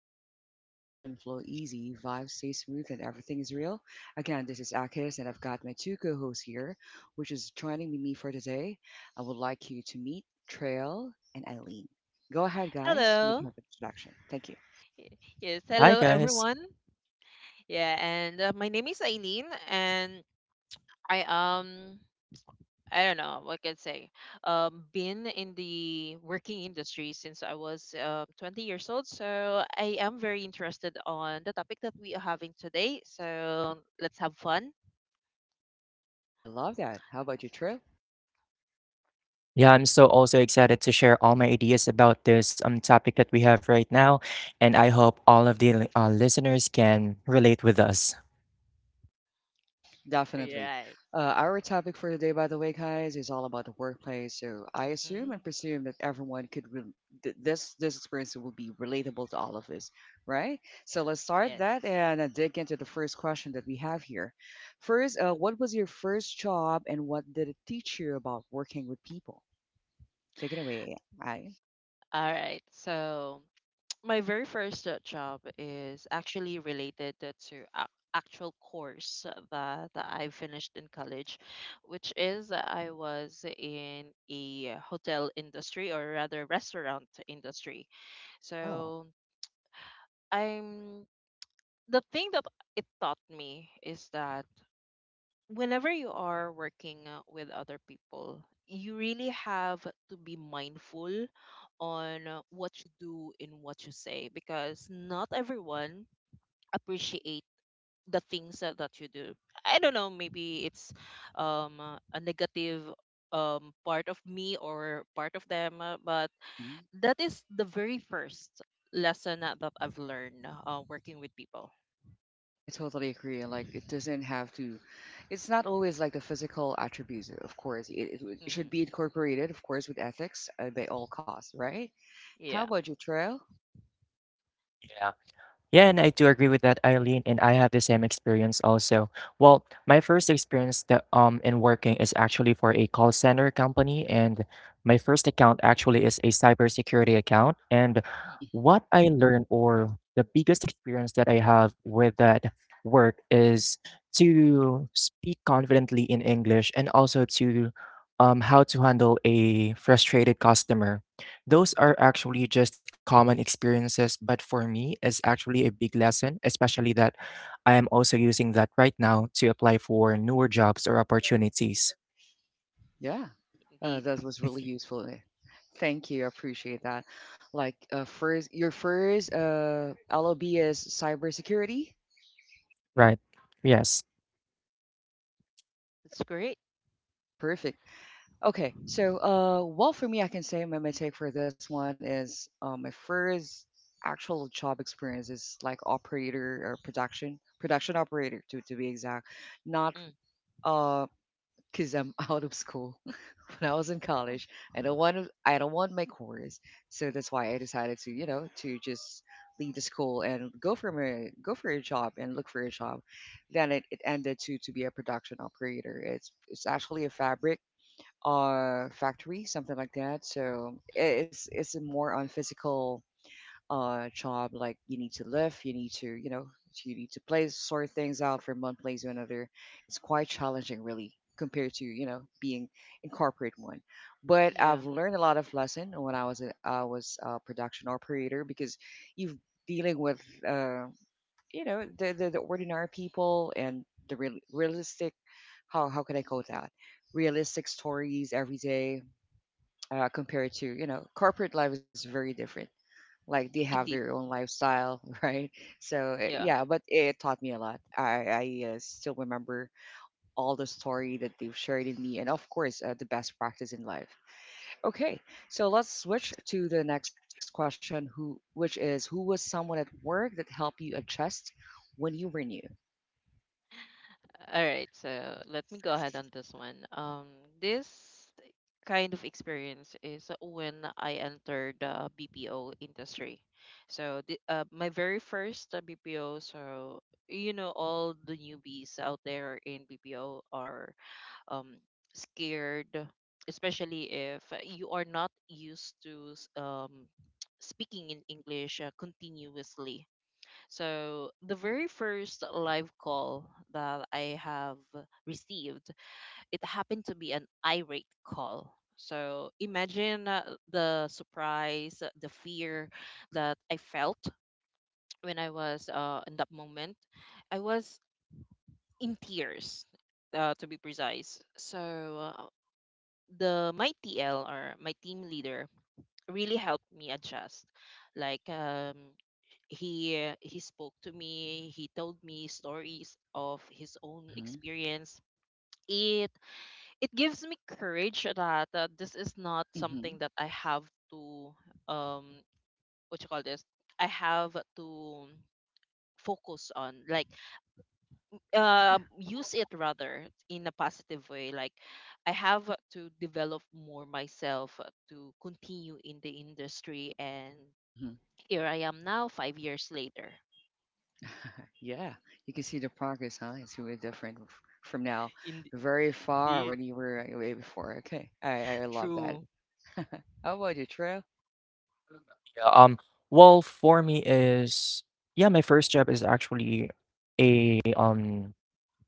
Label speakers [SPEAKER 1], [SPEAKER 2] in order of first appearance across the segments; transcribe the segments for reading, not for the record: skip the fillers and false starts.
[SPEAKER 1] zone where conversation flow easy, vibes stay smooth, and everything is real. Again, this is Akis, and I've got my two co-hosts here, which is joining me for today. I would like you to meet Trail and Eileen. Go ahead, guys. Make
[SPEAKER 2] Hello.
[SPEAKER 1] an introduction. Thank you.
[SPEAKER 2] Yes,
[SPEAKER 3] Hi
[SPEAKER 2] hello
[SPEAKER 3] guys.
[SPEAKER 2] everyone. Yeah, and my name is Eileen, and I um I don't know what can I say. Been in the working industry since I was 20 years old, so I am very interested on the topic that we are having today. So let's have fun.
[SPEAKER 1] I love that. How about you, Trail?
[SPEAKER 3] Yeah, I'm so also excited to share all my ideas about this topic that we have right now, and I hope all of the listeners can relate with us.
[SPEAKER 2] All
[SPEAKER 1] Definitely.
[SPEAKER 2] right.
[SPEAKER 1] Our topic for today, by the way, guys, is all about the workplace. So I assume
[SPEAKER 2] Mm-hmm.
[SPEAKER 1] and presume that everyone could this experience will be relatable to all of us, right? So let's start
[SPEAKER 2] Yes.
[SPEAKER 1] that and dig into the first question that we have here. First, what was your first job and what did it teach you about working with people? Take it away, I.
[SPEAKER 2] All right. So my very first job is actually related to ac actual course that I finished in college, which is I was in a hotel industry or rather restaurant industry.
[SPEAKER 1] Wow.
[SPEAKER 2] So I'm the thing that it taught me is that whenever you are working with other people, you really have to be mindful on what you do and what you say because not everyone appreciate the things that you do. I don't know, maybe it's a negative part of me or part of them, but
[SPEAKER 1] Mm-hmm.
[SPEAKER 2] that is the very first lesson that I've learned working with people.
[SPEAKER 1] I totally agree. Like, it doesn't have to, it's not always like the physical attributes, of course. It it should
[SPEAKER 2] Hmm.
[SPEAKER 1] be incorporated, of course, with ethics by all costs, right? How
[SPEAKER 2] Yeah.
[SPEAKER 1] about you, Trail?
[SPEAKER 3] Yeah. Yeah, and I do agree with that, Eileen, and I have the same experience also. Well, my first experience that in working is actually for a call center company, and my first account actually is a cybersecurity account. And
[SPEAKER 2] Mm,
[SPEAKER 1] hmm
[SPEAKER 3] what I learned, or the biggest experience that I have with that work, is to speak confidently in English and also to how to handle a frustrated customer. Those
[SPEAKER 2] mm.
[SPEAKER 3] are actually just common experiences, but for me is actually a big lesson, especially that I am also using that right now to apply for newer jobs or opportunities.
[SPEAKER 1] Yeah,
[SPEAKER 2] Indeed.
[SPEAKER 1] that was really useful, eh. Thank you. I appreciate that. Like, first, your first LOB is cybersecurity.
[SPEAKER 3] Right. Yes.
[SPEAKER 2] It's great.
[SPEAKER 1] Perfect. Okay, so well, for me, I can say my take for this one is my first actual job experience is like operator or production operator, to be exact. Not
[SPEAKER 2] Mm.
[SPEAKER 1] uh, cause I'm out of school when I was in
[SPEAKER 2] Oh,
[SPEAKER 1] college. I don't want my course, so that's why I decided to to just leave the school and go for my go for a job and look for a job. Then it ended to be a production operator. It's actually a fabric factory, something like that. So it's a more on physical job. Like you need to lift, you need to, you need to place sort things out from one place to another. It's quite challenging really, compared to, you know, being in corporate one. But
[SPEAKER 2] yeah.
[SPEAKER 1] I've learned a lot of lesson when I was a production operator, because you've dealing with uh, you know, the ordinary people and the realistic, how can I call that, realistic stories every day, compared to, you know, corporate life is very different. Like they have their
[SPEAKER 2] Indeed.
[SPEAKER 1] own lifestyle. Right? So
[SPEAKER 2] Yeah.
[SPEAKER 1] yeah, but it taught me a lot. I still remember all the story that they've shared in me, and of course the best practice in life. Okay, so let's switch to the next question, who which is who was someone at work that helped you adjust when you were new.
[SPEAKER 2] All right, so let me go ahead on this one. This kind of experience is when I entered the BPO industry. So my very first BPO. So, all the newbies out there in BPO are um scared, especially if you are not used to speaking in English continuously. So the very first live call that I have received, it happened to be an irate call. So imagine the surprise, the fear that I felt when I was in that moment. I was in tears, to be precise. So the my TL or my team leader really helped me adjust. Like, he he spoke to me. He told me stories of his own experience. It it gives me courage that this is not
[SPEAKER 1] hmm
[SPEAKER 2] something that I have to, um what you call this, I have to focus on, like
[SPEAKER 1] Yeah.
[SPEAKER 2] use it rather in a positive way. Like, I have to develop more myself to continue in the industry, and
[SPEAKER 1] hmm
[SPEAKER 2] here I am now 5 years later.
[SPEAKER 1] Yeah. You can see the progress, huh? It's really different from now,
[SPEAKER 2] in-
[SPEAKER 1] very far
[SPEAKER 2] Indeed.
[SPEAKER 1] when you were way before. Okay. I love that.
[SPEAKER 2] True.
[SPEAKER 1] How about you, Trail?
[SPEAKER 3] Yeah, um well for me is yeah, my first job is actually a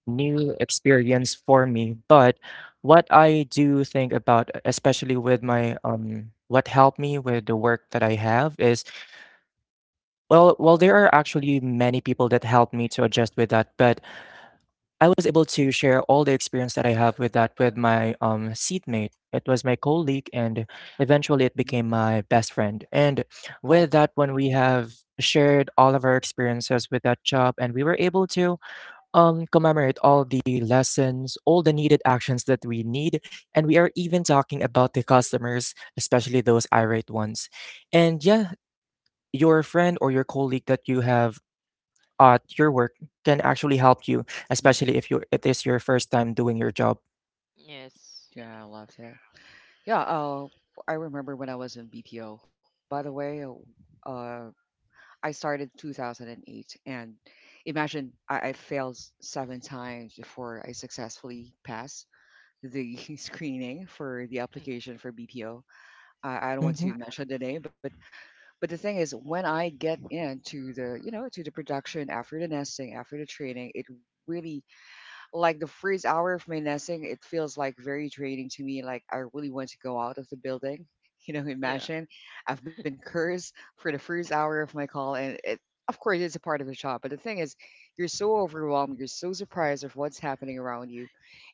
[SPEAKER 3] new experience for me, but what I do think about especially with my what helped me with the work that I have is Well, there are actually many people that helped me to adjust with that, but I was able to share all the experience that I have with that with my, seatmate. It was my colleague, and eventually it
[SPEAKER 1] Mhm.
[SPEAKER 3] became my best friend, and
[SPEAKER 1] Oh,
[SPEAKER 3] with that when we have shared all of our experiences with that job, and we were able to, commemorate all the lessons, all the needed actions that we need, and we are even talking about the customers, especially those irate ones. And, yeah, your friend or your colleague that you have at your work can actually help you,
[SPEAKER 1] mhm.
[SPEAKER 3] especially if you it is your first time doing your job.
[SPEAKER 2] Yes.
[SPEAKER 1] Yeah, I love that. Yeah, I remember when I was in BPO. By the way, uh, I started 2008, and imagine I failed seven times before I successfully passed the screening for the
[SPEAKER 2] Mm.
[SPEAKER 1] application for BPO. I don't want
[SPEAKER 3] Hmm.
[SPEAKER 1] to mention the name, but the thing is, when I get into the, you know, to the production after the nesting, after the training, it really, like the first hour of my nesting, it feels like very draining to me. Like I really want to go out of the building. You know,
[SPEAKER 2] Yeah.
[SPEAKER 1] imagine I've been cursed for the first hour of my call, and it of course it's a part of the job. But the thing is, you're so overwhelmed, you're so surprised of what's happening around you,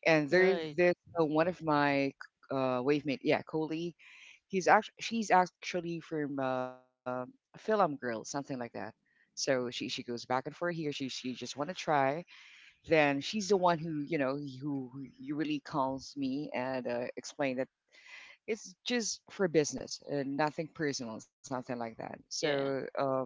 [SPEAKER 1] and there
[SPEAKER 2] Right.
[SPEAKER 1] there's uh, one of my wave mate, yeah, colleague. He's act She's actually from a Film Girl, something like that. So she goes back and forth here. She just want to try. Then she's the one who, you know, who really calls me and explain that it's just for business and nothing personal, something like that. So
[SPEAKER 2] Yeah.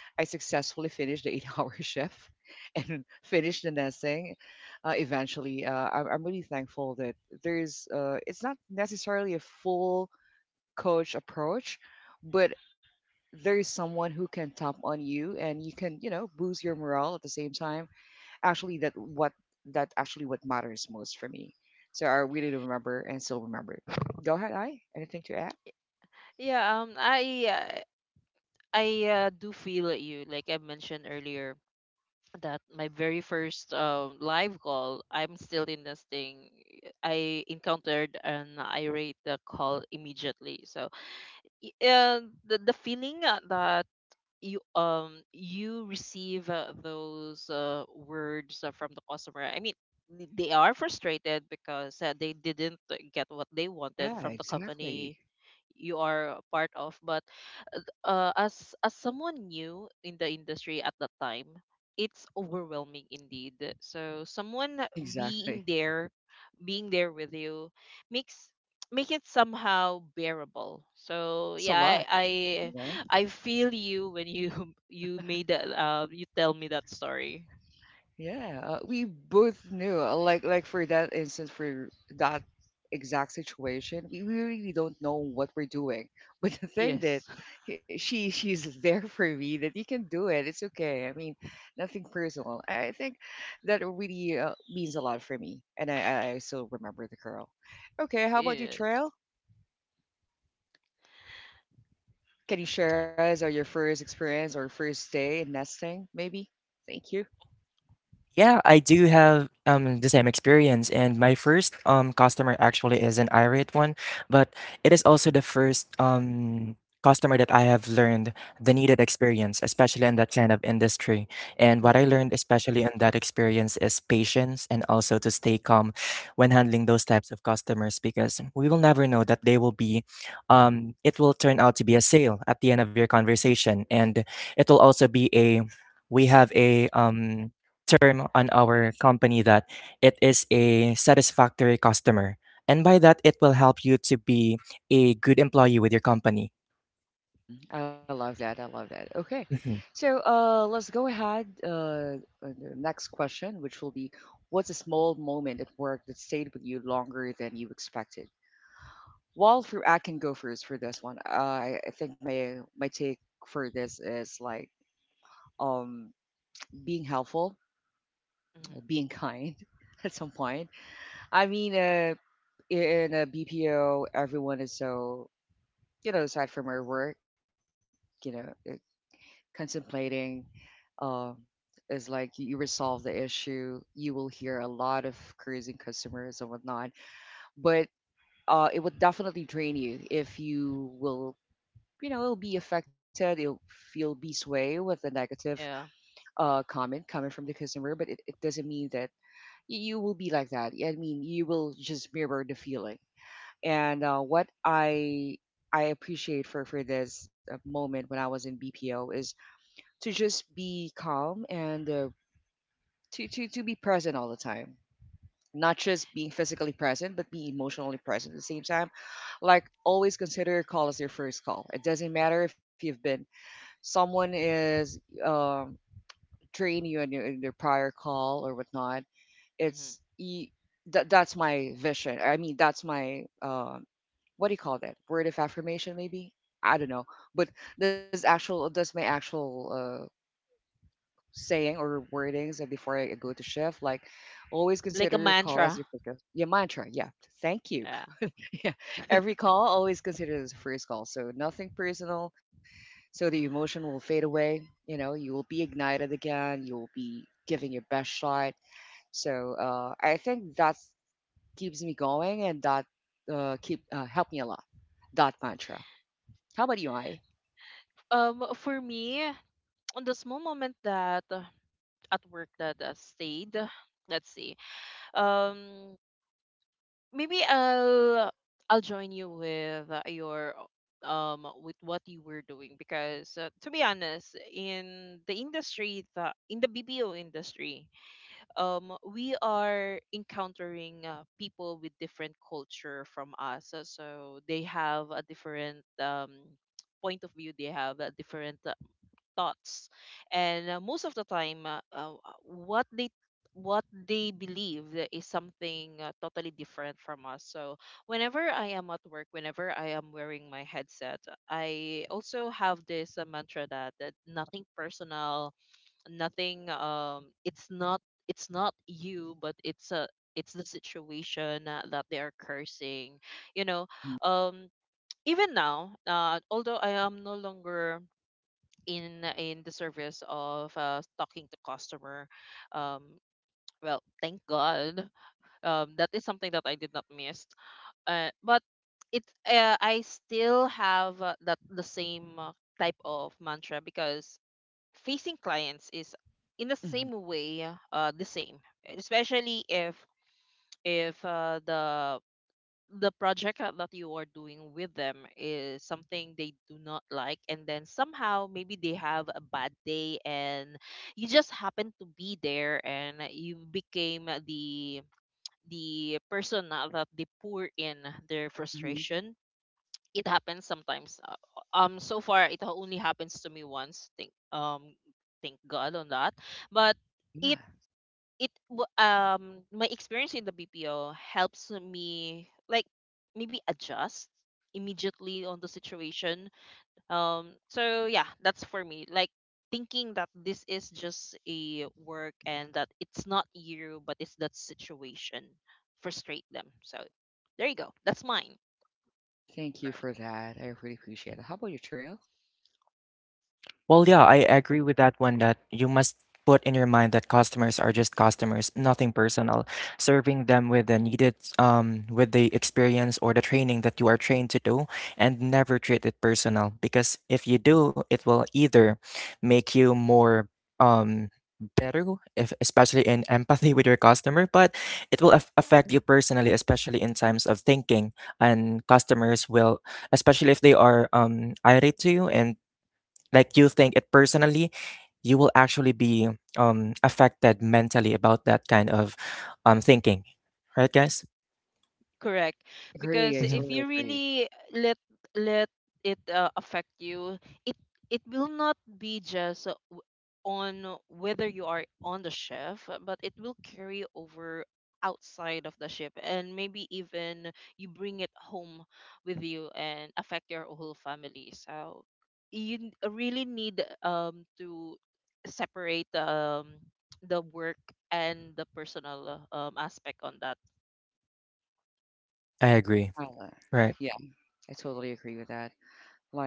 [SPEAKER 1] I successfully finished the eight-hour shift and finished the nesting. Eventually, I'm really thankful that there's it's not necessarily a full coach approach, but there's someone who can tap on you and you can, you know, boost your morale at the same time. Actually, that actually what matters most for me. So I really remember and still remember. Go ahead, I. Anything to add?
[SPEAKER 2] Yeah. I do feel you. Like I mentioned earlier, that my very first live call, I'm still in this thing. I encountered an irate call immediately. So, the feeling that you receive those words from the customer. I mean, they are frustrated because they didn't get what they
[SPEAKER 1] Yeah,
[SPEAKER 2] wanted from the
[SPEAKER 1] exactly.
[SPEAKER 2] company you are a part of, but as someone new in the industry at that time, it's overwhelming indeed. So someone
[SPEAKER 1] Exactly.
[SPEAKER 2] being there, being there with you, makes make it somehow bearable. So
[SPEAKER 1] It's a
[SPEAKER 2] yeah,
[SPEAKER 1] lot.
[SPEAKER 2] I
[SPEAKER 1] Yeah.
[SPEAKER 2] I, I feel you when you you made that you tell me that story.
[SPEAKER 1] Yeah, we both knew. Like for that instance, for that exact situation, we really don't know what we're doing. But the thing
[SPEAKER 2] Yes,
[SPEAKER 1] that she's there for me, that you can do it. It's okay. I mean, nothing personal. I think that really means a lot for me, and I still remember the girl. Okay, how about you,
[SPEAKER 2] yes.
[SPEAKER 1] Trail? Can you share us or your first experience or first day in nesting, maybe? Thank you.
[SPEAKER 3] Yeah, I do have the same experience, and my first customer actually is an irate one, but it is also the first customer that I have learned the needed experience, especially in that kind of industry. And what I learned,
[SPEAKER 1] hmm
[SPEAKER 3] especially in that experience, is patience and also to stay calm when handling those types of customers, because we will never know that they will be, it will turn out to be a sale at the end of your conversation, and it will also be a we have a term on our company that it is a satisfactory customer. And by that, it will help you to be a good employee with your company.
[SPEAKER 1] Mhm. I love that. I love that. Okay.
[SPEAKER 3] Mhm.
[SPEAKER 1] So let's go ahead. The next question, which will be, what's a small moment at work that stayed with you longer than you expected? Well, for, I can go first for this one. I think my take for this is like um, being helpful,
[SPEAKER 2] Hmm.
[SPEAKER 1] being kind at some point. I mean, in a BPO, everyone is so, you know, aside from our work, you know, contemplating. um, is like you resolve the issue, you will hear a lot of cruising customers and whatnot. But it would definitely drain you if you will, you know, it'll be affected. It'll feel be sway with the negative
[SPEAKER 2] Yeah.
[SPEAKER 1] comment coming from the customer, but it doesn't mean that you will be like that. I mean, you will just mirror the feeling. And what I appreciate for this moment when I was in BPO is to just be calm and to be present all the time, not just being physically present, but being emotionally present at the same time. Like always consider your call as your first call. It doesn't matter if you've been, someone is um training you in your, in their prior call or whatnot.
[SPEAKER 2] Hmm,
[SPEAKER 1] it's y- that that's my vision. I mean, that's my, what do you call that, word of affirmation maybe, I don't know. But this actual that's my actual saying or wordings before I go to shift. Like always
[SPEAKER 2] like
[SPEAKER 1] consider
[SPEAKER 2] a
[SPEAKER 1] your call as
[SPEAKER 2] mantra.
[SPEAKER 1] your first, your mantra. Yeah, thank you.
[SPEAKER 2] Yeah.
[SPEAKER 1] Yeah, every call always consider it as a first call. So nothing personal. So the emotion will fade away. You know, you will be ignited again. You will be giving your best shot. So I think that keeps me going, and that keep help me a lot. That mantra. How about you, I?
[SPEAKER 2] For me, on the small moment that at work that stayed. Let's see. Um, Maybe I'll join you with your with what you were doing because to be honest, in the industry that in the BPO industry, we are encountering people with different culture from us. So they have a different point of view. They have a different thoughts, and most of the time what they what they believe is something totally different from us. So whenever I am at work, whenever I am wearing my headset, I also have this mantra that nothing personal, nothing, it's not you, but it's the situation that they are cursing you know
[SPEAKER 1] hmm
[SPEAKER 2] um Even now, although I am no longer in the service of talking to customer. Um, well, thank God. That is something that I did not miss. But it I still have that the same type of mantra because facing clients is in the same
[SPEAKER 1] hmm
[SPEAKER 2] way, the same, especially if the project that you are doing with them is something they do not like, and then somehow maybe they have a bad day and you just happen to be there and you became the person that they pour in their
[SPEAKER 1] hmm
[SPEAKER 2] frustration. It happens sometimes. So far it only happens to me once, thank God on that. But it
[SPEAKER 1] Yeah.
[SPEAKER 2] my experience in the BPO helps me like maybe adjust immediately on the situation. So yeah, that's for me. Like thinking that this is just a work and that it's not you but it's that situation frustrate them. So there you go. That's mine.
[SPEAKER 1] Thank you for that. I really appreciate it. How about your trail?
[SPEAKER 3] Well, yeah, I agree with that one that you must put in your mind that customers are just customers, nothing personal. Serving them with the needed, with the experience or the training that you are trained to do, and never treat it personal. Because if you do, it will either make you more, um, better, if, especially in empathy with your customer, but it will affect you
[SPEAKER 1] Yeah.
[SPEAKER 3] personally, especially in times of thinking. And customers will, especially if they are irate to you and like you think it personally, you will actually be affected mentally about that kind of thinking. Right, guys?
[SPEAKER 2] Correct.
[SPEAKER 1] I
[SPEAKER 2] Because
[SPEAKER 1] agree. I
[SPEAKER 3] Hmm.
[SPEAKER 2] if you
[SPEAKER 1] totally agree.
[SPEAKER 2] really let it affect you, it it will not be just on whether you are on the shift, but it will carry over outside of the ship and maybe even you bring it home with you and affect your whole family. So you really need to separate the work and the personal aspect on that.
[SPEAKER 3] I agree.
[SPEAKER 1] Uh,
[SPEAKER 3] Right.
[SPEAKER 1] yeah, I totally agree with that.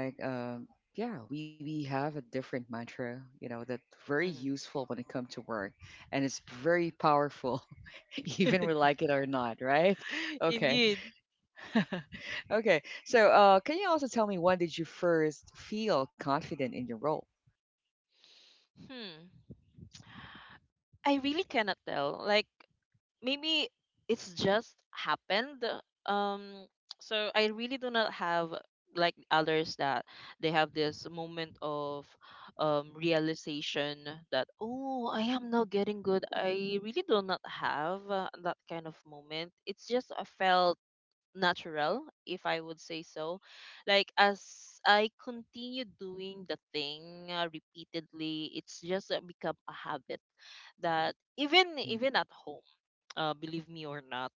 [SPEAKER 1] Like, yeah, we have a different mantra, you know, that's very
[SPEAKER 2] Mhm.
[SPEAKER 1] useful when it comes to work, and it's very powerful, even we like it or not, right? Okay,
[SPEAKER 2] Indeed.
[SPEAKER 1] okay. So, can you also tell me when did you first feel confident in your role?
[SPEAKER 2] Hmm. I really cannot tell. Like maybe it's just happened. Um so I really do not have like others that they have this moment of realization that oh I am now getting good. I really do not have that kind of moment. It's just I felt natural, if I would say so. Like, as I continue doing the thing repeatedly, it's just become a habit, that even
[SPEAKER 1] hmm
[SPEAKER 2] even at home, believe me or not,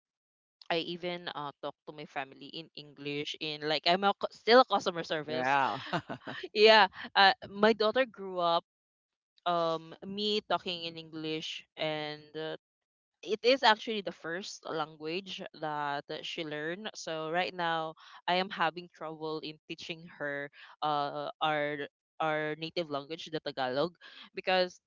[SPEAKER 2] I even talk to my family in English in like still a customer service.
[SPEAKER 1] Wow,
[SPEAKER 2] Yeah, my daughter grew up me talking in English, and it is actually the first language that she learned. So right now, I am having trouble in teaching her uh, our our native language, the Tagalog, because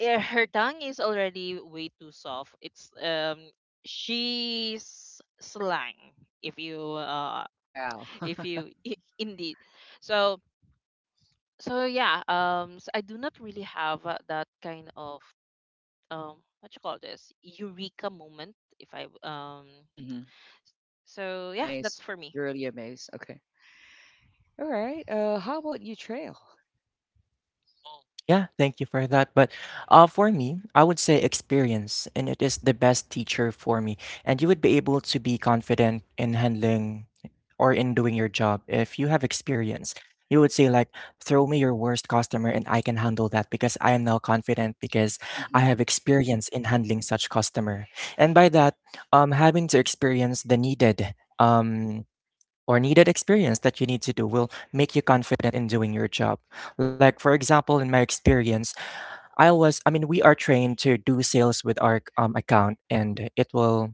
[SPEAKER 2] her tongue is already way too soft. It's She's slang if you
[SPEAKER 1] wow.
[SPEAKER 2] indeed. So so yeah, so I do not really have that kind of what you call this eureka moment if I
[SPEAKER 1] hmm Was
[SPEAKER 2] So yeah,
[SPEAKER 1] amazed,
[SPEAKER 2] that's for me.
[SPEAKER 1] really amazed. Okay. All right. How about you, Trail?
[SPEAKER 3] Yeah, thank you for that. But for me, I would say experience, and it is the best teacher for me. And you would be able to be confident in handling or in doing your job, if you have experience, you would say like, throw me your worst customer and I can handle that because I am now confident because I have experience in handling such customer. And by that, having to experience the needed or needed experience that you need to do will make you confident in doing your job. Like for example, in my experience, I was I mean we are trained to do sales with our account and it will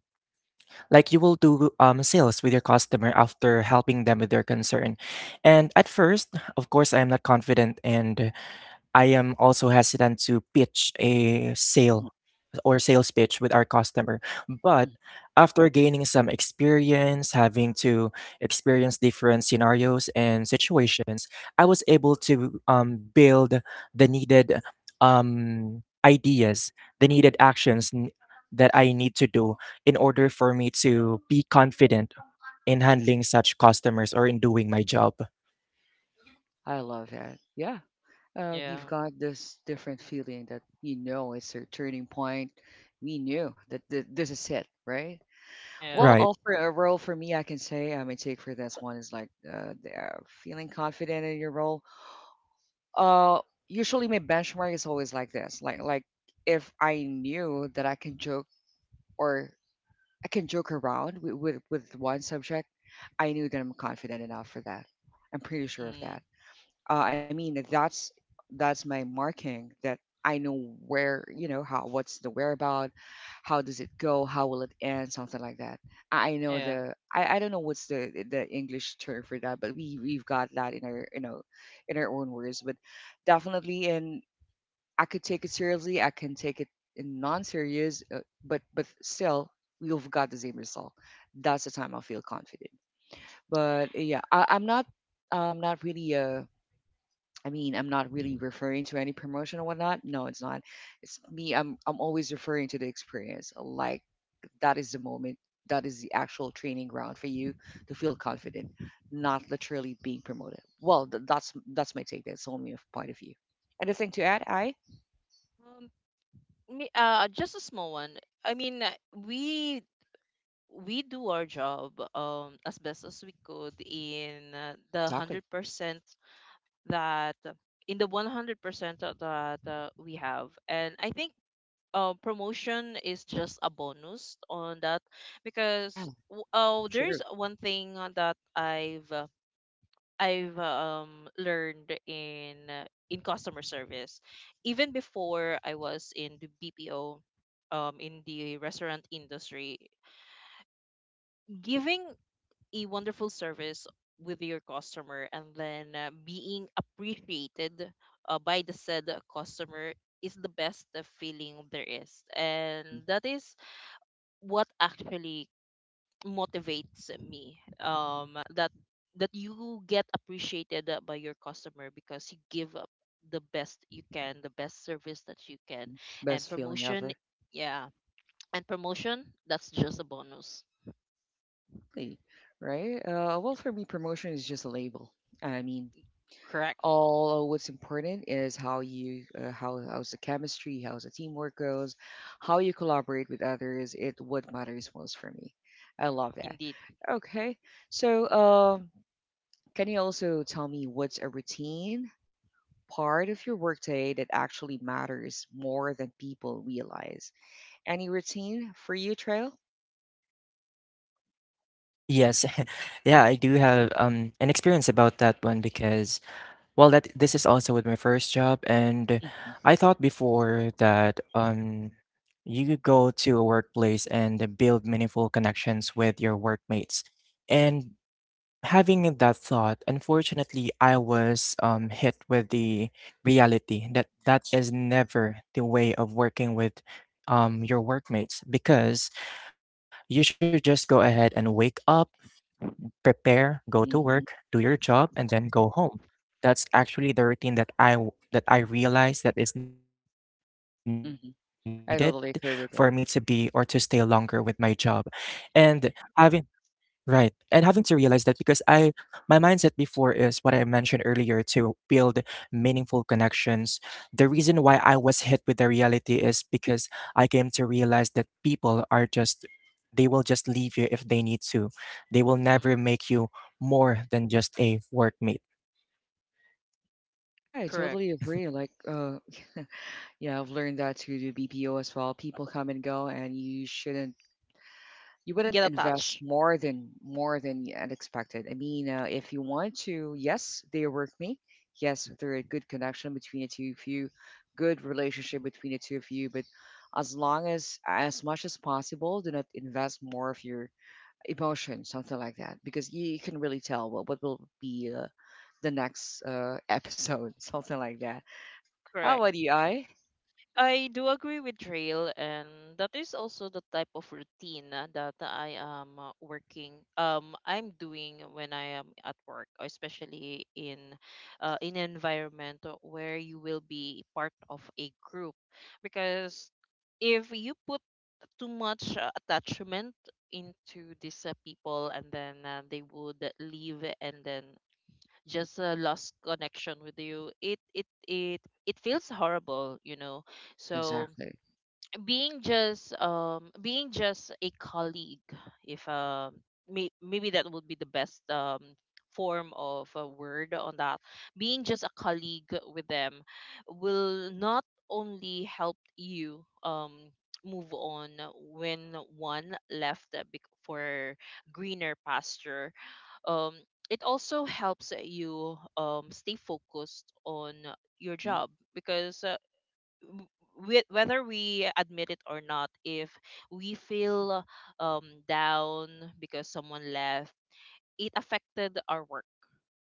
[SPEAKER 3] like you will do sales with your customer after helping them with their concern. And at first, of course, I am not confident and I am also hesitant to pitch a
[SPEAKER 1] Mhm,
[SPEAKER 3] sale or sales pitch with our customer. But
[SPEAKER 1] mhm.
[SPEAKER 3] after gaining some experience, having to experience different scenarios and situations, I was able to build the needed ideas, the needed actions that I need to do in order for me to be confident in handling such customers or in doing my job.
[SPEAKER 1] I love that. Yeah. You've
[SPEAKER 2] Yeah.
[SPEAKER 1] got this different feeling that you know it's your turning point. We knew that this is it, right? Well,
[SPEAKER 2] Yeah.
[SPEAKER 3] Right.
[SPEAKER 1] all for a role for me, I can say, I mean, take for this one is like feeling confident in your role. Uh, Usually my benchmark is always like this, like, if I knew that I can joke or I can joke around with with one subject, I knew that I'm confident enough for that. I'm pretty sure of
[SPEAKER 2] Mm.
[SPEAKER 1] that. I mean that's my marking, that I know where, you know, how, what's the whereabout, how does it go, how will it end, something like that. I know
[SPEAKER 2] Yeah.
[SPEAKER 1] the, I don't know what's the English term for that, but we we've got that in our, you know, in our own words, but definitely. And I could take it seriously, I can take it in non-serious, but still we've got the same result. That's the time I feel confident. But yeah, I'm not, I'm not really a, I mean, I'm not really referring to any promotion or whatnot. No, it's not. It's me. I'm always referring to the experience. Like, that is the moment. That is the actual training ground for you to feel confident, not literally being promoted. Well, that's my take. That's only a point of view. Anything to add, I?
[SPEAKER 2] Um, Me, just a small one. I mean, we do our job as best as we could in the hundred
[SPEAKER 1] Exactly.
[SPEAKER 2] percent that in the 100% that we have, and I think promotion is just a bonus on that,
[SPEAKER 1] Yeah,
[SPEAKER 2] because oh, there
[SPEAKER 1] true.
[SPEAKER 2] is one thing that I've learned in customer service. Even before I was in the BPO, in the restaurant industry, giving a wonderful service with your customer and then being appreciated by the said customer is the best feeling there is, and
[SPEAKER 1] Hmm.
[SPEAKER 2] that is what actually motivates me, that you get appreciated by your customer because you give up the best you can, the best service that you can, and
[SPEAKER 1] Best feeling
[SPEAKER 2] promotion.
[SPEAKER 1] ever.
[SPEAKER 2] Yeah, and promotion, that's just a bonus.
[SPEAKER 1] Exactly. Right. Well, for me, promotion is just a label. I mean,
[SPEAKER 2] Correct.
[SPEAKER 1] all what's important is how you how's the chemistry, how's the teamwork goes, how you collaborate with others, it what matters most for me. I love that.
[SPEAKER 2] Indeed.
[SPEAKER 1] Okay. So, can you also tell me what's a routine part of your workday that actually matters more than people realize? Any routine for you, Trail?
[SPEAKER 3] Yes. Yeah, I do have an experience about that one because well that this is also with my first job and I thought before that you could go to a workplace and build meaningful connections with your workmates. And having that thought, unfortunately, I was hit with the reality that that is never the way of working with your workmates because you should just go ahead and wake up prepare, go to
[SPEAKER 1] Hmm.
[SPEAKER 3] work, do your job, and then go home. That's actually the routine that that I realize that is needed for me to
[SPEAKER 1] Hmm.
[SPEAKER 3] be or to
[SPEAKER 1] I
[SPEAKER 3] stay
[SPEAKER 1] totally agree
[SPEAKER 3] longer
[SPEAKER 1] with
[SPEAKER 3] with
[SPEAKER 1] that.
[SPEAKER 3] my job. And having Right. And having to realize that because I my mindset before is what I mentioned earlier to build meaningful connections. The reason why I was hit with the reality is because I came to realize that people are just they will just leave you if they need to. They will
[SPEAKER 2] Mm.
[SPEAKER 3] never make you more than just a workmate.
[SPEAKER 1] Yeah, I
[SPEAKER 2] Correct.
[SPEAKER 1] totally agree. Like, yeah, I've learned that to do BPO as well. People come and go, and you shouldn't, you
[SPEAKER 2] Get
[SPEAKER 1] wouldn't invest
[SPEAKER 2] attached.
[SPEAKER 1] more than expected. I mean, if you want to, yes, they work me. Yes, there a good connection between the two of you, good relationship between the two of you. But as long as much as possible, do not invest more of your emotion, something like that, because you can really tell what will be the next episode, something like that. How
[SPEAKER 2] Correct.
[SPEAKER 1] about you, I?
[SPEAKER 2] I do agree with Trail, and that is also the type of routine that I am working. I'm doing when I am at work, especially in an environment where you will be part of a group, because if you put too much attachment into these people, and then they would leave, and then just lost connection with you, it feels horrible. So
[SPEAKER 1] Exactly.
[SPEAKER 2] being just a colleague if may, maybe that would be the best form of a word on that, being just a colleague with them, will not only help you move on when one left for greener pasture. um it also helps you stay focused on your job, because w- whether we admit it or not, if we feel down because someone left, it affected our work.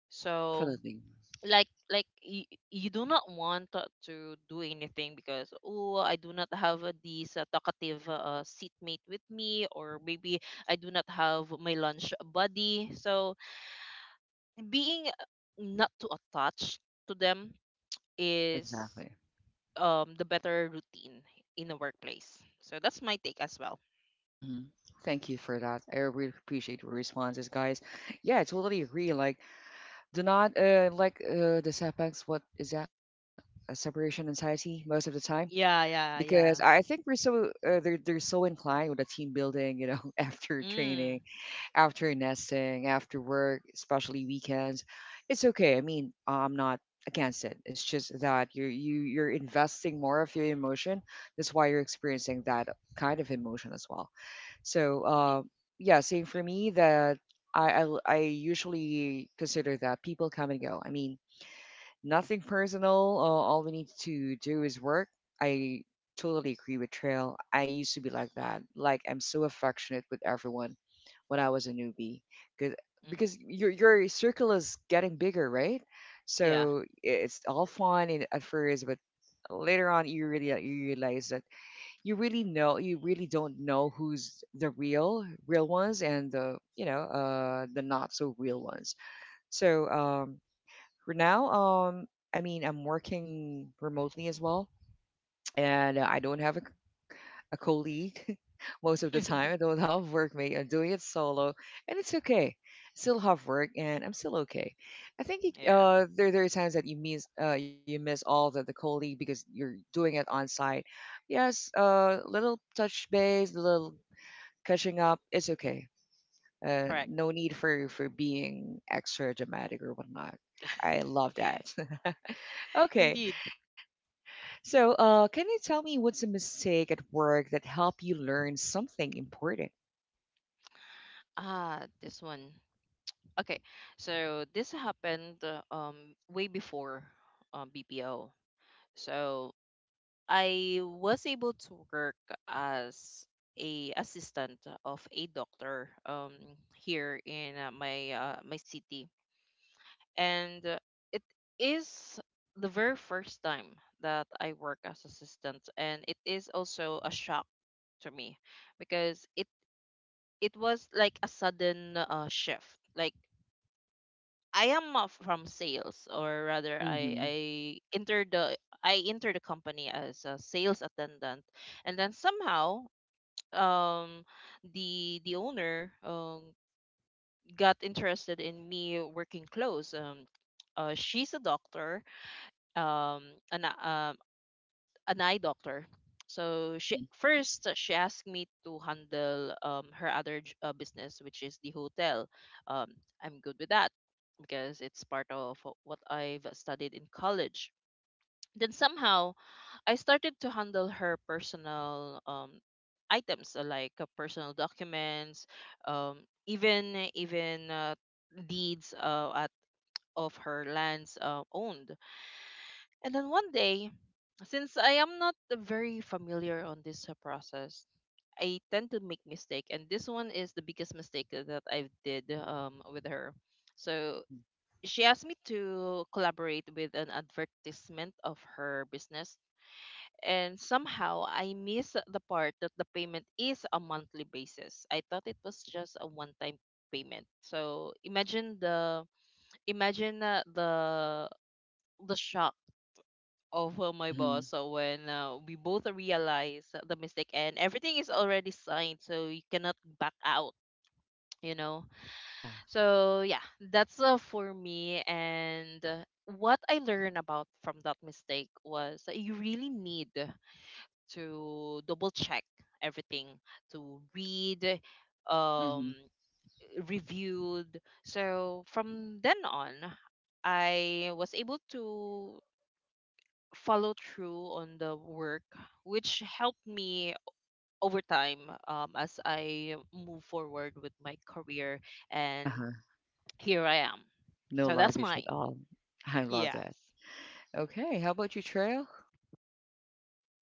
[SPEAKER 2] So
[SPEAKER 1] Definitely.
[SPEAKER 2] like you, you do not want to do anything because oh I do not have this talkative seatmate with me or maybe I do not have my lunch buddy. So being not too attached to them is
[SPEAKER 1] Exactly.
[SPEAKER 2] the better routine in a workplace. So that's my take as well.
[SPEAKER 1] Hmm. Thank you for that. I really appreciate your responses, guys. Yeah, I totally agree. Like, do not like the setbacks. What is that? A separation anxiety most of the time.
[SPEAKER 2] Yeah, yeah,
[SPEAKER 1] Because I
[SPEAKER 2] yeah.
[SPEAKER 1] think we're so they're so inclined with the team building, after
[SPEAKER 2] Mm,
[SPEAKER 1] training, after nesting, after work, especially weekends. It's okay. I mean, I'm not against it. It's just that you're investing more of your emotion. That's why you're experiencing that kind of emotion as well. So,
[SPEAKER 2] indeed.
[SPEAKER 1] yeah, same for me that I usually consider that people come and go. I mean, nothing personal. All we need to do is work. I totally agree with Trail. I used to be like that. Like, I'm so affectionate with everyone when I was a newbie, because
[SPEAKER 2] Mm,
[SPEAKER 1] because your circle is getting bigger, right?
[SPEAKER 2] yeah.
[SPEAKER 1] So it's all fun in, at first, but later on you really you realize that you really don't know who's the real real ones and the you know the not so real ones. So, for now, I mean, I'm working remotely as well, and I don't have a colleague most of the time. I don't have workmate. I'm doing it solo, and it's okay. Still have work, and I'm still okay. I think
[SPEAKER 2] yeah.
[SPEAKER 1] there are times that you miss all the colleague because you're doing it on site. Yes, little touch base, little catching up. It's okay.
[SPEAKER 2] Correct.
[SPEAKER 1] No need for being extra dramatic or whatnot. I love that. Okay.
[SPEAKER 2] Indeed.
[SPEAKER 1] So, can you tell me what's a mistake at work that helped you learn something important?
[SPEAKER 2] Ah, this one. Okay. So this happened way before BPO. So I was able to work as a assistant of a doctor here in my my city and it is the very first time that I work as assistant, and it is also a shock to me because it was like a sudden shift. Like I am from sales, or rather I
[SPEAKER 1] Mm-hmm.
[SPEAKER 2] I entered the, I entered the company as a sales attendant. And then somehow um the owner got interested in me working close, she's a doctor, um an um an eye doctor. So she
[SPEAKER 1] Mm-hmm.
[SPEAKER 2] first she asked me to handle her other business, which is the hotel. Um, I'm good with that because it's part of what I've studied in college. Then somehow I started to handle her personal items like personal documents, even even deeds at of her lands owned. And then one day, since I am not very familiar on this process, I tend to make mistake, and this one is the biggest mistake that I did, with her. So
[SPEAKER 1] Mm-hmm.
[SPEAKER 2] she asked me to collaborate with an advertisement of her business, and somehow I miss the part that the payment is a monthly basis. I thought it was just a one-time payment. So imagine the, imagine the shock of my
[SPEAKER 1] Mm-hmm.
[SPEAKER 2] boss so when we both realize the mistake, and everything is already signed, so you cannot back out, you know
[SPEAKER 1] Yeah.
[SPEAKER 2] so yeah. That's for me. And what I learned about from that mistake was that you really need to double check everything, to read, um
[SPEAKER 1] Mm-hmm.
[SPEAKER 2] reviewed. So from then on I was able to follow through on the work, which helped me over time, as I move forward with my career. And
[SPEAKER 1] Uh-huh.
[SPEAKER 2] here I am.
[SPEAKER 1] No
[SPEAKER 2] So that's
[SPEAKER 1] luggage at
[SPEAKER 2] mine.
[SPEAKER 1] all. I love
[SPEAKER 2] Yes.
[SPEAKER 1] that. Okay. How about you, Trail?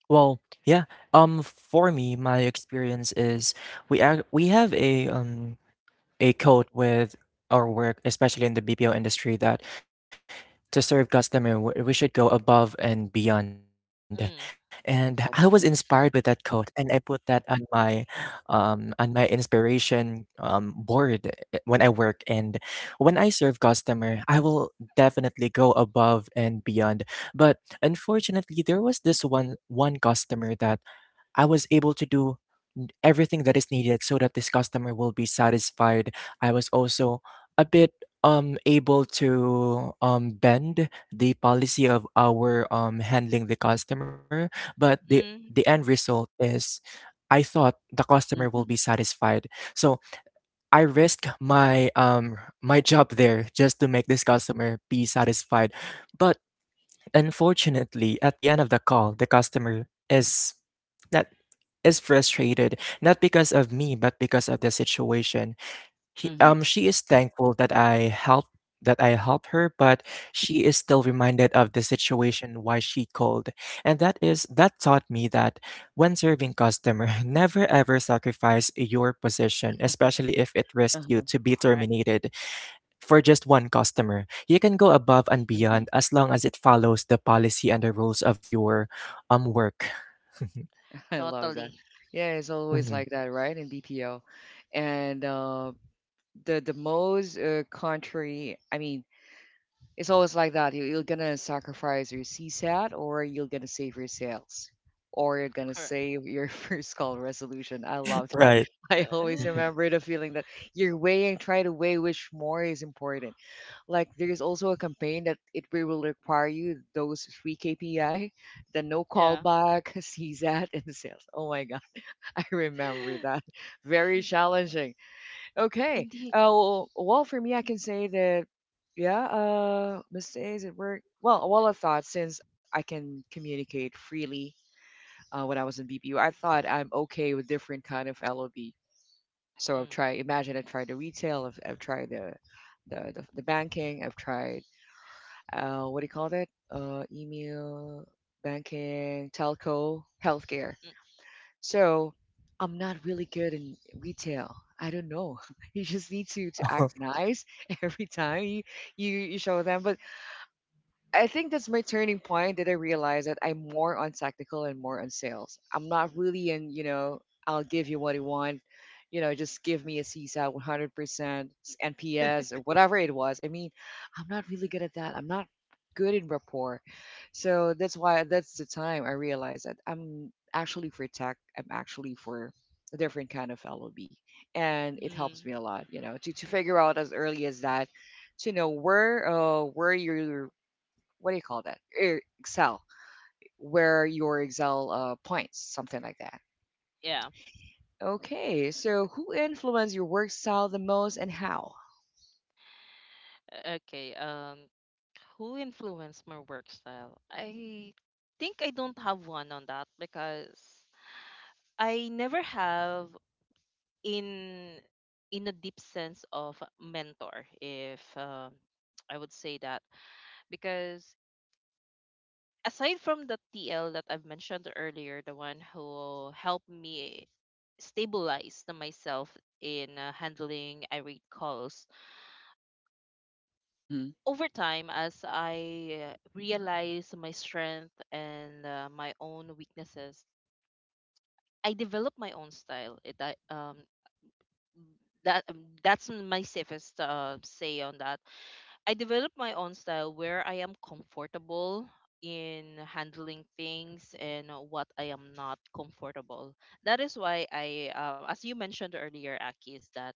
[SPEAKER 3] Well, yeah. For me, my experience is we have a a code with our work, especially in the BPO industry, that to serve customer we should go above and beyond and I was
[SPEAKER 2] Mm,
[SPEAKER 3] inspired with that
[SPEAKER 1] Yeah.
[SPEAKER 3] quote and
[SPEAKER 1] Mm-hmm.
[SPEAKER 3] I put that on my inspiration board when I work and when I serve customer I will definitely go above and beyond but unfortunately there was this one customer that I was able to do everything that is needed so that this customer will be satisfied. I was also a bit able to bend the policy of our handling the customer, but the
[SPEAKER 2] mm,
[SPEAKER 3] end result is I thought the customer will be
[SPEAKER 1] Mm-hmm.
[SPEAKER 3] satisfied. So I risked my my job there just to make this customer be satisfied. But unfortunately, at the end of the call, the customer is not is frustrated, not because of me, but because of the situation. He,
[SPEAKER 2] mm,
[SPEAKER 1] Mm-hmm.
[SPEAKER 3] she is thankful that I helped her, but she is still reminded of the situation why she called. And that is that taught me that when serving customer, never ever sacrifice your position, especially if it risks you
[SPEAKER 1] Uh-huh.
[SPEAKER 3] to be
[SPEAKER 2] correct.
[SPEAKER 3] terminated for just one customer. You can go above and
[SPEAKER 1] Mm-hmm.
[SPEAKER 3] beyond as long as it follows the policy and the rules of your work.
[SPEAKER 1] I love that.
[SPEAKER 2] Totally.
[SPEAKER 1] Yeah, it's always
[SPEAKER 3] Mhm.
[SPEAKER 1] like that, right? In BPO, and the most country. I mean, it's always like that. You're gonna sacrifice your CSAT, or you're gonna save your sales, or you're gonna
[SPEAKER 2] Correct.
[SPEAKER 1] save your first call resolution. I love that.
[SPEAKER 3] Right.
[SPEAKER 1] I always
[SPEAKER 3] Mhm.
[SPEAKER 1] remember the feeling that you're weighing, try to weigh which more is important. Like, there's also a campaign that it will require you those three KPI, the no
[SPEAKER 2] yeah.
[SPEAKER 1] callback, CSAT, and sales. Oh my god, I remember that. Very challenging. Okay.
[SPEAKER 2] Indeed.
[SPEAKER 1] Well, for me, I can say that, yeah, mistakes at work. Well, I thought since I can communicate freely when I was in BPU, I thought I'm okay with different kind of LOB. So I've
[SPEAKER 2] Mm,
[SPEAKER 1] tried. Imagine I've tried the retail. I've tried the banking. I've tried what do you call that? Email, banking, telco, healthcare. So I'm not really good in retail. I don't know. You just need to act
[SPEAKER 3] Oh,
[SPEAKER 1] nice every time you, you show them. But I think that's my turning point that I realized that I'm more on technical and more on sales. I'm not really in, I'll give you what you want. You know, just give me a CSAT 100%,
[SPEAKER 2] mm,
[SPEAKER 1] NPS, or whatever it was. I mean, I'm not really good at that. I'm not good in rapport. So that's why that's the time I realized that I'm actually for tech. I'm actually for a different kind of LOB. And it helps
[SPEAKER 2] mm,
[SPEAKER 1] me a lot, to figure out as early as that to know where your, what do you call that? Excel, where your Excel points, something like that.
[SPEAKER 2] yeah.
[SPEAKER 1] Okay, so who influenced your work style the most and how?
[SPEAKER 2] Okay. Who influenced my work style? I think I don't have one on that because I never have in in a deep sense of mentor. If I would say that because aside from the TL that I've mentioned earlier, the one who helped me stabilize the myself in handling irate calls
[SPEAKER 1] Mm-hmm.
[SPEAKER 2] over time, as I realize my strength and my own weaknesses, I developed my own style. That that's my safest say on that. I developed my own style where I am comfortable in handling things and what I am not comfortable. That is why I, as you mentioned earlier, Aki, is that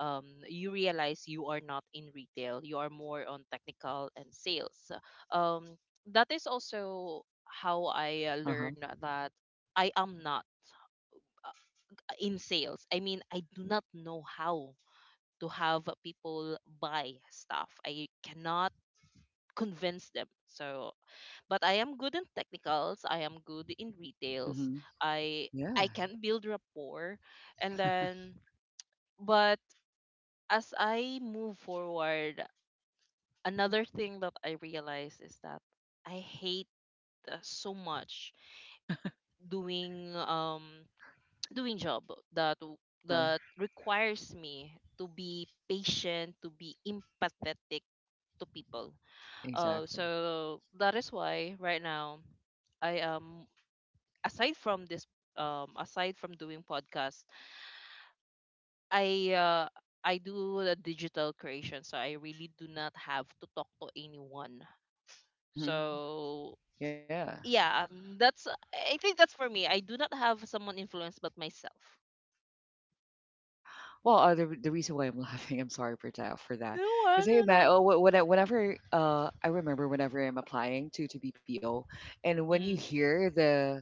[SPEAKER 2] you realize you are not in retail. You are more on technical and sales. Um, that is also how I
[SPEAKER 1] Uh-huh.
[SPEAKER 2] learned that I am not uh, in sales. I mean, I do not know how to have people buy stuff. I cannot convince them. So, but I am good in technicals. I am good in retails.
[SPEAKER 1] Mm-hmm.
[SPEAKER 2] I I
[SPEAKER 1] Yeah.
[SPEAKER 2] can build rapport, and then, but as I move forward, another thing that I realized is that I hate so much doing doing job that
[SPEAKER 1] Uh-huh.
[SPEAKER 2] that requires me to be patient, to be empathetic to people.
[SPEAKER 1] Exactly.
[SPEAKER 2] So that is why right now I aside from this, aside from doing podcasts, I uh I do the digital creation, so I really do not have to talk to anyone.
[SPEAKER 1] Mm-hmm.
[SPEAKER 2] So
[SPEAKER 1] Yeah.
[SPEAKER 2] yeah, that's, I think that's for me. I do not have someone influenced but myself.
[SPEAKER 1] Well, the reason why I'm laughing, I'm sorry for that,
[SPEAKER 2] No,
[SPEAKER 1] because I
[SPEAKER 2] no,
[SPEAKER 1] ima-
[SPEAKER 2] no.
[SPEAKER 1] oh, wh- when I, whenever I remember whenever I'm applying to BPO, and when you
[SPEAKER 2] Mm-hmm.
[SPEAKER 1] hear the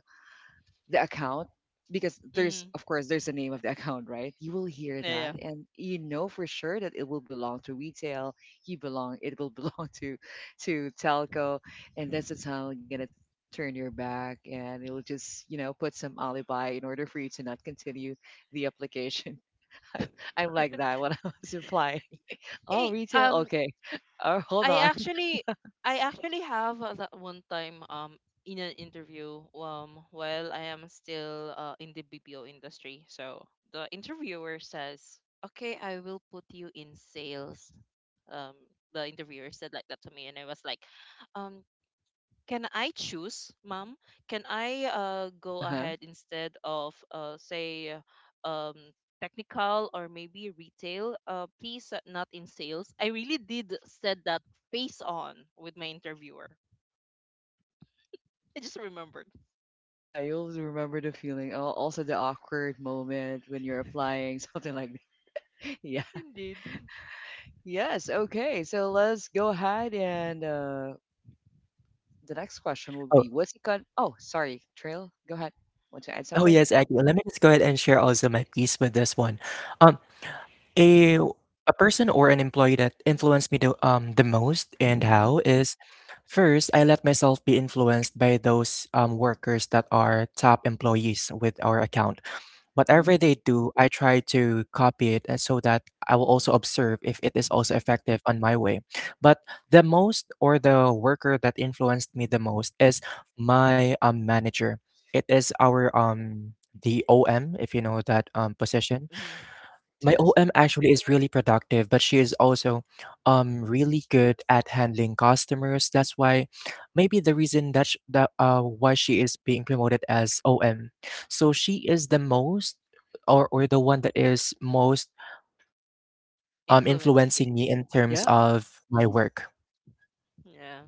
[SPEAKER 1] the account, because there's
[SPEAKER 2] Mm-hmm.
[SPEAKER 1] of course there's a name of the account, right? You will hear
[SPEAKER 2] Yeah, yeah.
[SPEAKER 1] that and you know for sure that it will belong to retail. You belong It will belong to telco. And that's the time you're gonna turn your back and it'll just put some alibi in order for you to not continue the application. i'm, I'm like
[SPEAKER 3] correct.
[SPEAKER 1] that when I was applying. Oh,
[SPEAKER 2] Hey.
[SPEAKER 1] retail, okay. Oh, hold
[SPEAKER 2] I
[SPEAKER 1] on.
[SPEAKER 2] actually I actually have that one time in an interview while I am still in the BPO industry. So the interviewer says, "Okay, I will put you in sales." Um the interviewer said like that to me, and I was like, um can I choose, ma'am? Can I go
[SPEAKER 1] Uh-huh.
[SPEAKER 2] ahead instead of say um, technical or maybe retail? Please, not in sales. I really did said that face on with my interviewer. I just remembered.
[SPEAKER 1] Yeah, you'll remember the feeling. Oh, also the awkward moment when you're applying, something like that. Yeah.
[SPEAKER 2] Indeed.
[SPEAKER 1] Yes, okay. So let's go ahead and the next question will be.
[SPEAKER 3] Oh,
[SPEAKER 1] What's the con Oh, sorry, Trail, go ahead. Want to add
[SPEAKER 3] oh
[SPEAKER 1] something?
[SPEAKER 3] yes, Aggie. Let me just go ahead and share also my piece with this one. Um, a a person or an employee that influenced me the most and how is first I let myself be influenced by those workers that are top employees with our account.
[SPEAKER 1] Uh-huh.
[SPEAKER 3] Whatever
[SPEAKER 2] Mm-hmm.
[SPEAKER 3] they do, I try to copy it so that I will also observe if it is also effective on my way. But the most or the worker that influenced me the most is my manager. It is our the OM, if you know that position.
[SPEAKER 2] Hmm.
[SPEAKER 1] Yes,
[SPEAKER 3] My
[SPEAKER 1] yes.
[SPEAKER 3] OM actually is really productive, but she is also really good at handling customers. That's why maybe the reason that, why she is being promoted as OM. So she is the most or the one that is most
[SPEAKER 2] Influenced you.
[SPEAKER 3] influencing me in terms
[SPEAKER 1] Yeah.
[SPEAKER 3] of my
[SPEAKER 1] Hmm.
[SPEAKER 3] work.
[SPEAKER 2] Yeah.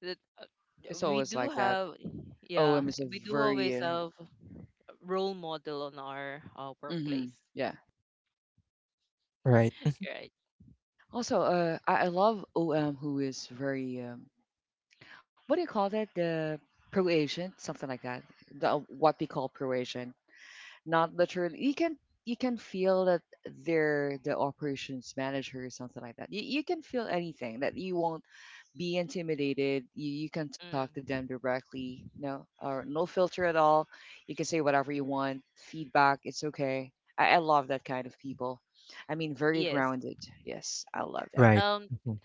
[SPEAKER 2] That
[SPEAKER 1] It's
[SPEAKER 2] we
[SPEAKER 1] always
[SPEAKER 2] do
[SPEAKER 1] like that.
[SPEAKER 2] have. Yeah,
[SPEAKER 1] OM is a
[SPEAKER 2] we do
[SPEAKER 1] very
[SPEAKER 2] always have a role model on our
[SPEAKER 1] mhm,
[SPEAKER 2] workplace.
[SPEAKER 1] yeah.
[SPEAKER 3] Right. Mm,
[SPEAKER 2] Right.
[SPEAKER 1] Also, I love OM, who is very what do you call that? The pro agent, something like that. The, what we call pro. Not literally. You can feel that they're the operations manager or something like that. You can feel anything that you won't be intimidated. You can talk to them
[SPEAKER 2] Mm.
[SPEAKER 1] directly. No, or no filter at all. You can say whatever you want. Feedback, it's okay. I love that kind of people. I mean, very
[SPEAKER 2] Yes.
[SPEAKER 1] grounded. Yes, I love that.
[SPEAKER 3] right.
[SPEAKER 2] Um,
[SPEAKER 3] Mhm.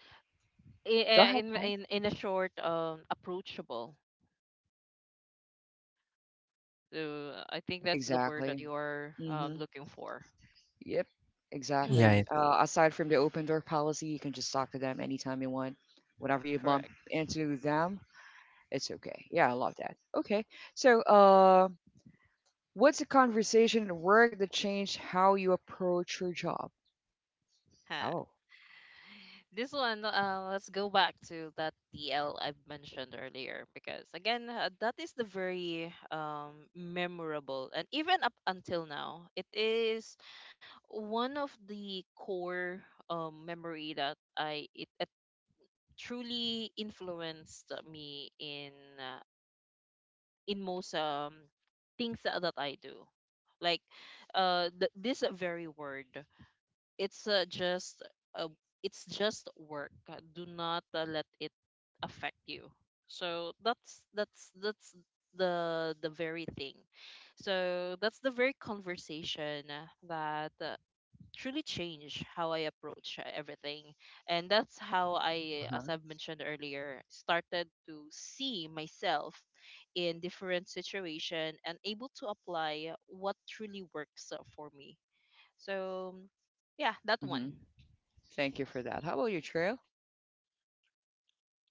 [SPEAKER 2] i-
[SPEAKER 1] Go
[SPEAKER 2] i-
[SPEAKER 1] ahead, Paul.
[SPEAKER 2] in a short approachable, so I think that's the word that
[SPEAKER 1] Exactly.
[SPEAKER 2] you're
[SPEAKER 1] Mhm.
[SPEAKER 2] looking for.
[SPEAKER 1] Yep,
[SPEAKER 3] Yeah,
[SPEAKER 1] exactly.
[SPEAKER 3] yeah.
[SPEAKER 1] Aside from the open door policy, you can just talk to them anytime you want. Whenever you bump
[SPEAKER 2] Correct.
[SPEAKER 1] into them, it's okay. Yeah, I love that. Okay, so what's a conversation at work that changed how you approach your job?
[SPEAKER 2] Huh.
[SPEAKER 1] Oh,
[SPEAKER 2] This one, let's go back to that dl I've mentioned earlier, because again that is the very memorable, and even up until now it is one of the core memory that it truly influenced me uh, in most things that, that I do. Like this very word, it's just uh, it's just work. Do not let it affect you. So that's that's the very thing. So that's the very conversation that truly change how I approach everything. And that's how
[SPEAKER 1] uh
[SPEAKER 2] I, as
[SPEAKER 1] huh.
[SPEAKER 2] I've mentioned earlier, started to see myself in different situation and able to apply what truly works for me. So, yeah, that one.
[SPEAKER 1] Mm-hmm. Thank you for that. How about you, Trail?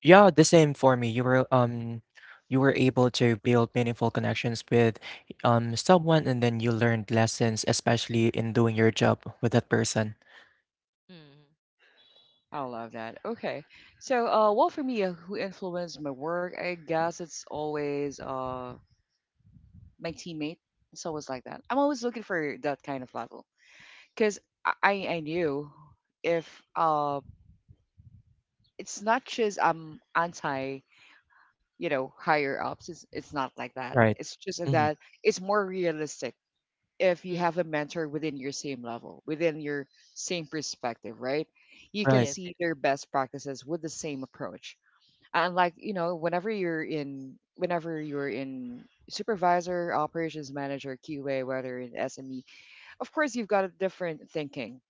[SPEAKER 3] Yeah, the same for me. You were able to build meaningful connections with someone and then you learned lessons, especially in doing your job with that person.
[SPEAKER 2] Mm,
[SPEAKER 1] I love that. Okay, so well, for me, who influenced my work? I guess it's always my teammate. It's always like that. I'm always looking for that kind of level. Because I knew, if it's not just I'm anti higher ups, it's not like that,
[SPEAKER 3] Right.
[SPEAKER 1] it's just
[SPEAKER 3] Mhm.
[SPEAKER 1] that it's more realistic. If you
[SPEAKER 2] mm.
[SPEAKER 1] have a mentor within your same level, within your same perspective, right? You can
[SPEAKER 3] Right.
[SPEAKER 2] Yes, yes.
[SPEAKER 1] see their best practices with the same approach. And, like, whenever you're in supervisor, operations manager, QA, whether in SME, of course, you've got a different thinking.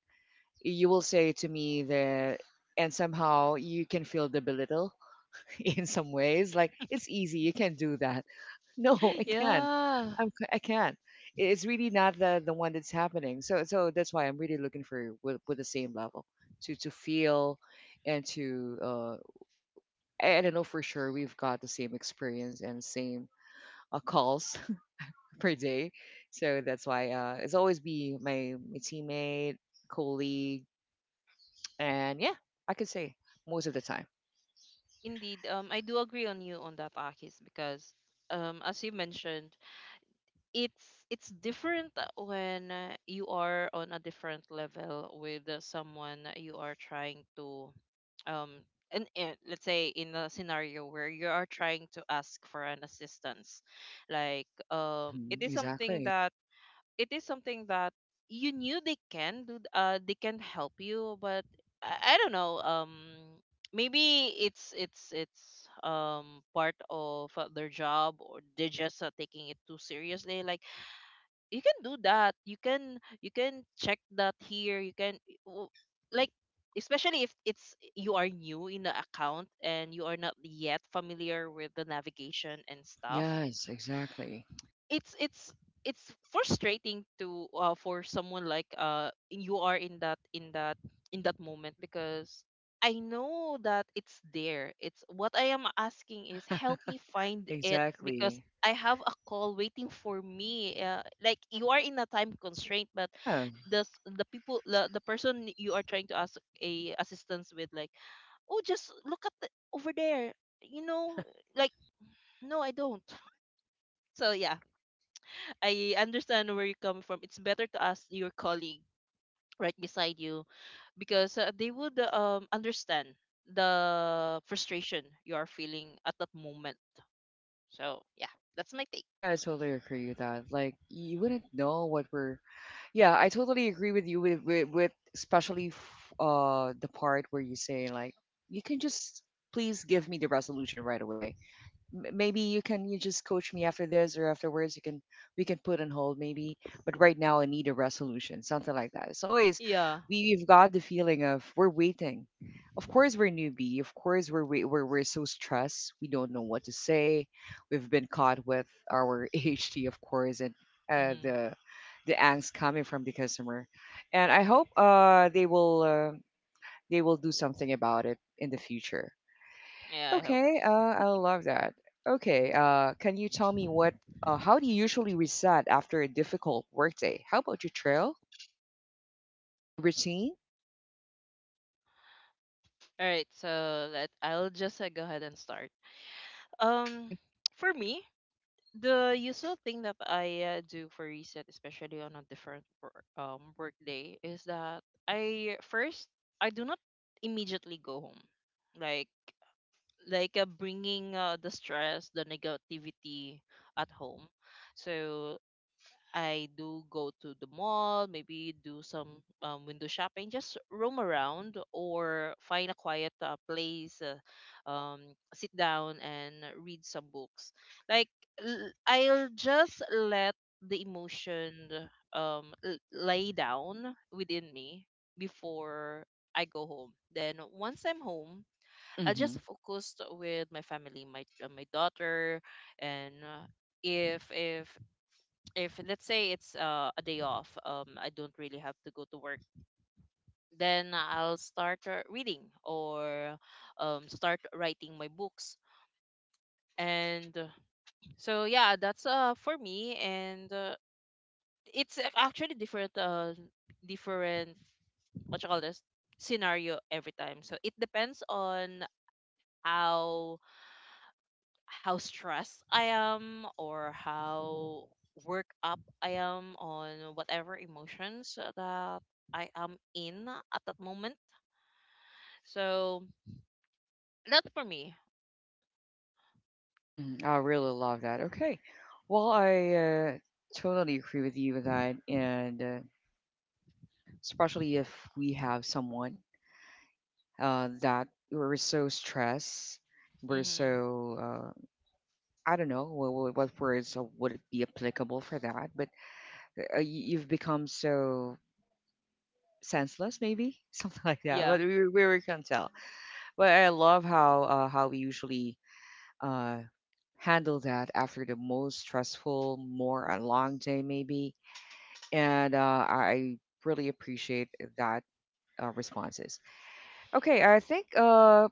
[SPEAKER 1] You will say to me that, and somehow you can feel the belittle, in some ways, like, it's easy, you can do that. No, I can't,
[SPEAKER 2] Yeah,
[SPEAKER 1] I can't. It's really not the one that's happening. So, that's why I'm really looking for, with the same level, to feel, and to I don't know for sure we've got the same experience and same calls per day. So that's why it's always be my teammate, colleague. And yeah, I could say most of the time.
[SPEAKER 2] indeed. I do agree on you on that, Akis, because as you mentioned, it's different when you are on a different level with someone that you are trying to um and let's say in a scenario where you are trying to ask for an assistance, like
[SPEAKER 1] Hmm.
[SPEAKER 2] it is something
[SPEAKER 1] Exactly.
[SPEAKER 2] that, it is something that you knew they can do, they can help you, but I don't know. Maybe it's part of their job, or they're just taking it too seriously. Like you can do that, you can, you can check that here, you can w- like, especially if it's you are new in the account and you are not yet familiar with the navigation and stuff.
[SPEAKER 1] Yes, exactly.
[SPEAKER 2] it's it's it's frustrating to for someone like you are in that, in that moment, because I know that it's there. It's what I am asking is help me find it,
[SPEAKER 1] Exactly.
[SPEAKER 2] because I have a call waiting for me. Like you are in a time constraint, but
[SPEAKER 1] Yeah,
[SPEAKER 2] the people, the person you are trying to ask a assistance with, like, oh just look at the, over there, you know, like, no I don't. So yeah, I understand where you're coming from. It's better to ask your colleague right beside you, because they would understand the frustration you are feeling at that moment. So yeah, that's my take.
[SPEAKER 1] yeah, I totally agree with that. Like, you wouldn't know what we're. Yeah, I totally agree with you, with especially the part where you say, like, you can just, please give me the resolution right away. Maybe you can you just coach me after this, or afterwards you can, we can put on hold, maybe, but right now I need a resolution, something like that. It's always,
[SPEAKER 2] Yeah.
[SPEAKER 1] we've got the feeling of we're waiting. Of course we're newbie, of course we're so stressed, we don't know what to say. We've been caught with our ADHD, of course, and uh,
[SPEAKER 2] Hmm.
[SPEAKER 1] the the angst coming from the customer. And I hope uh, they will do something about it in the future.
[SPEAKER 2] Yeah, I hope.
[SPEAKER 1] Okay, I love that. Okay, can you tell me how do you usually reset after a difficult workday? How about your trail? Any routine?
[SPEAKER 2] All right, so let, I'll just go ahead and start. Um,
[SPEAKER 1] Okay.
[SPEAKER 2] for me, the usual thing that I do for reset, especially on a different work day, is that I first, I do not immediately go home, like like bringing the stress, the negativity at home. So I do go to the mall, maybe do some window shopping, just roam around or find a quiet place, sit down and read some books. Like I'll just let the emotion lay down within me before I go home. Then once I'm home, I
[SPEAKER 1] Mm-hmm.
[SPEAKER 2] just focused with my family, my my daughter, and if if if let's say it's a day off, I don't really have to go to work, then I'll start reading or start writing my books. And so yeah, that's for me, and it's actually different different what you call this, scenario, every time. So it depends on how how stressed I am or how worked up I am on whatever emotions that I am in at that moment. So that's for me.
[SPEAKER 1] Mm-hmm. I really love that. Okay. Well, I uh, totally agree with you with that, and especially if we have someone that we're so stressed, we're
[SPEAKER 2] Hmm.
[SPEAKER 1] so uh, I don't know what words would it be applicable for that, but you've become so senseless, maybe something like that,
[SPEAKER 2] Yeah.
[SPEAKER 1] but we can't tell. But I love how we usually uh, handle that after the most stressful, more a long day, maybe, and I really appreciate that responses. Okay, I think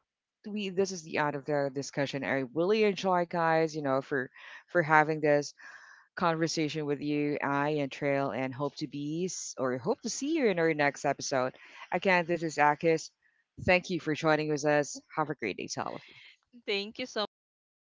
[SPEAKER 1] we this is the end of the discussion. I really enjoy guys, for having this conversation with you, I and Trail, and hope to be s- or hope to see you in our next episode. Again, this is Akis. Thank you for joining with us. Have a great day to all of you.
[SPEAKER 2] Thank you so much, Ake.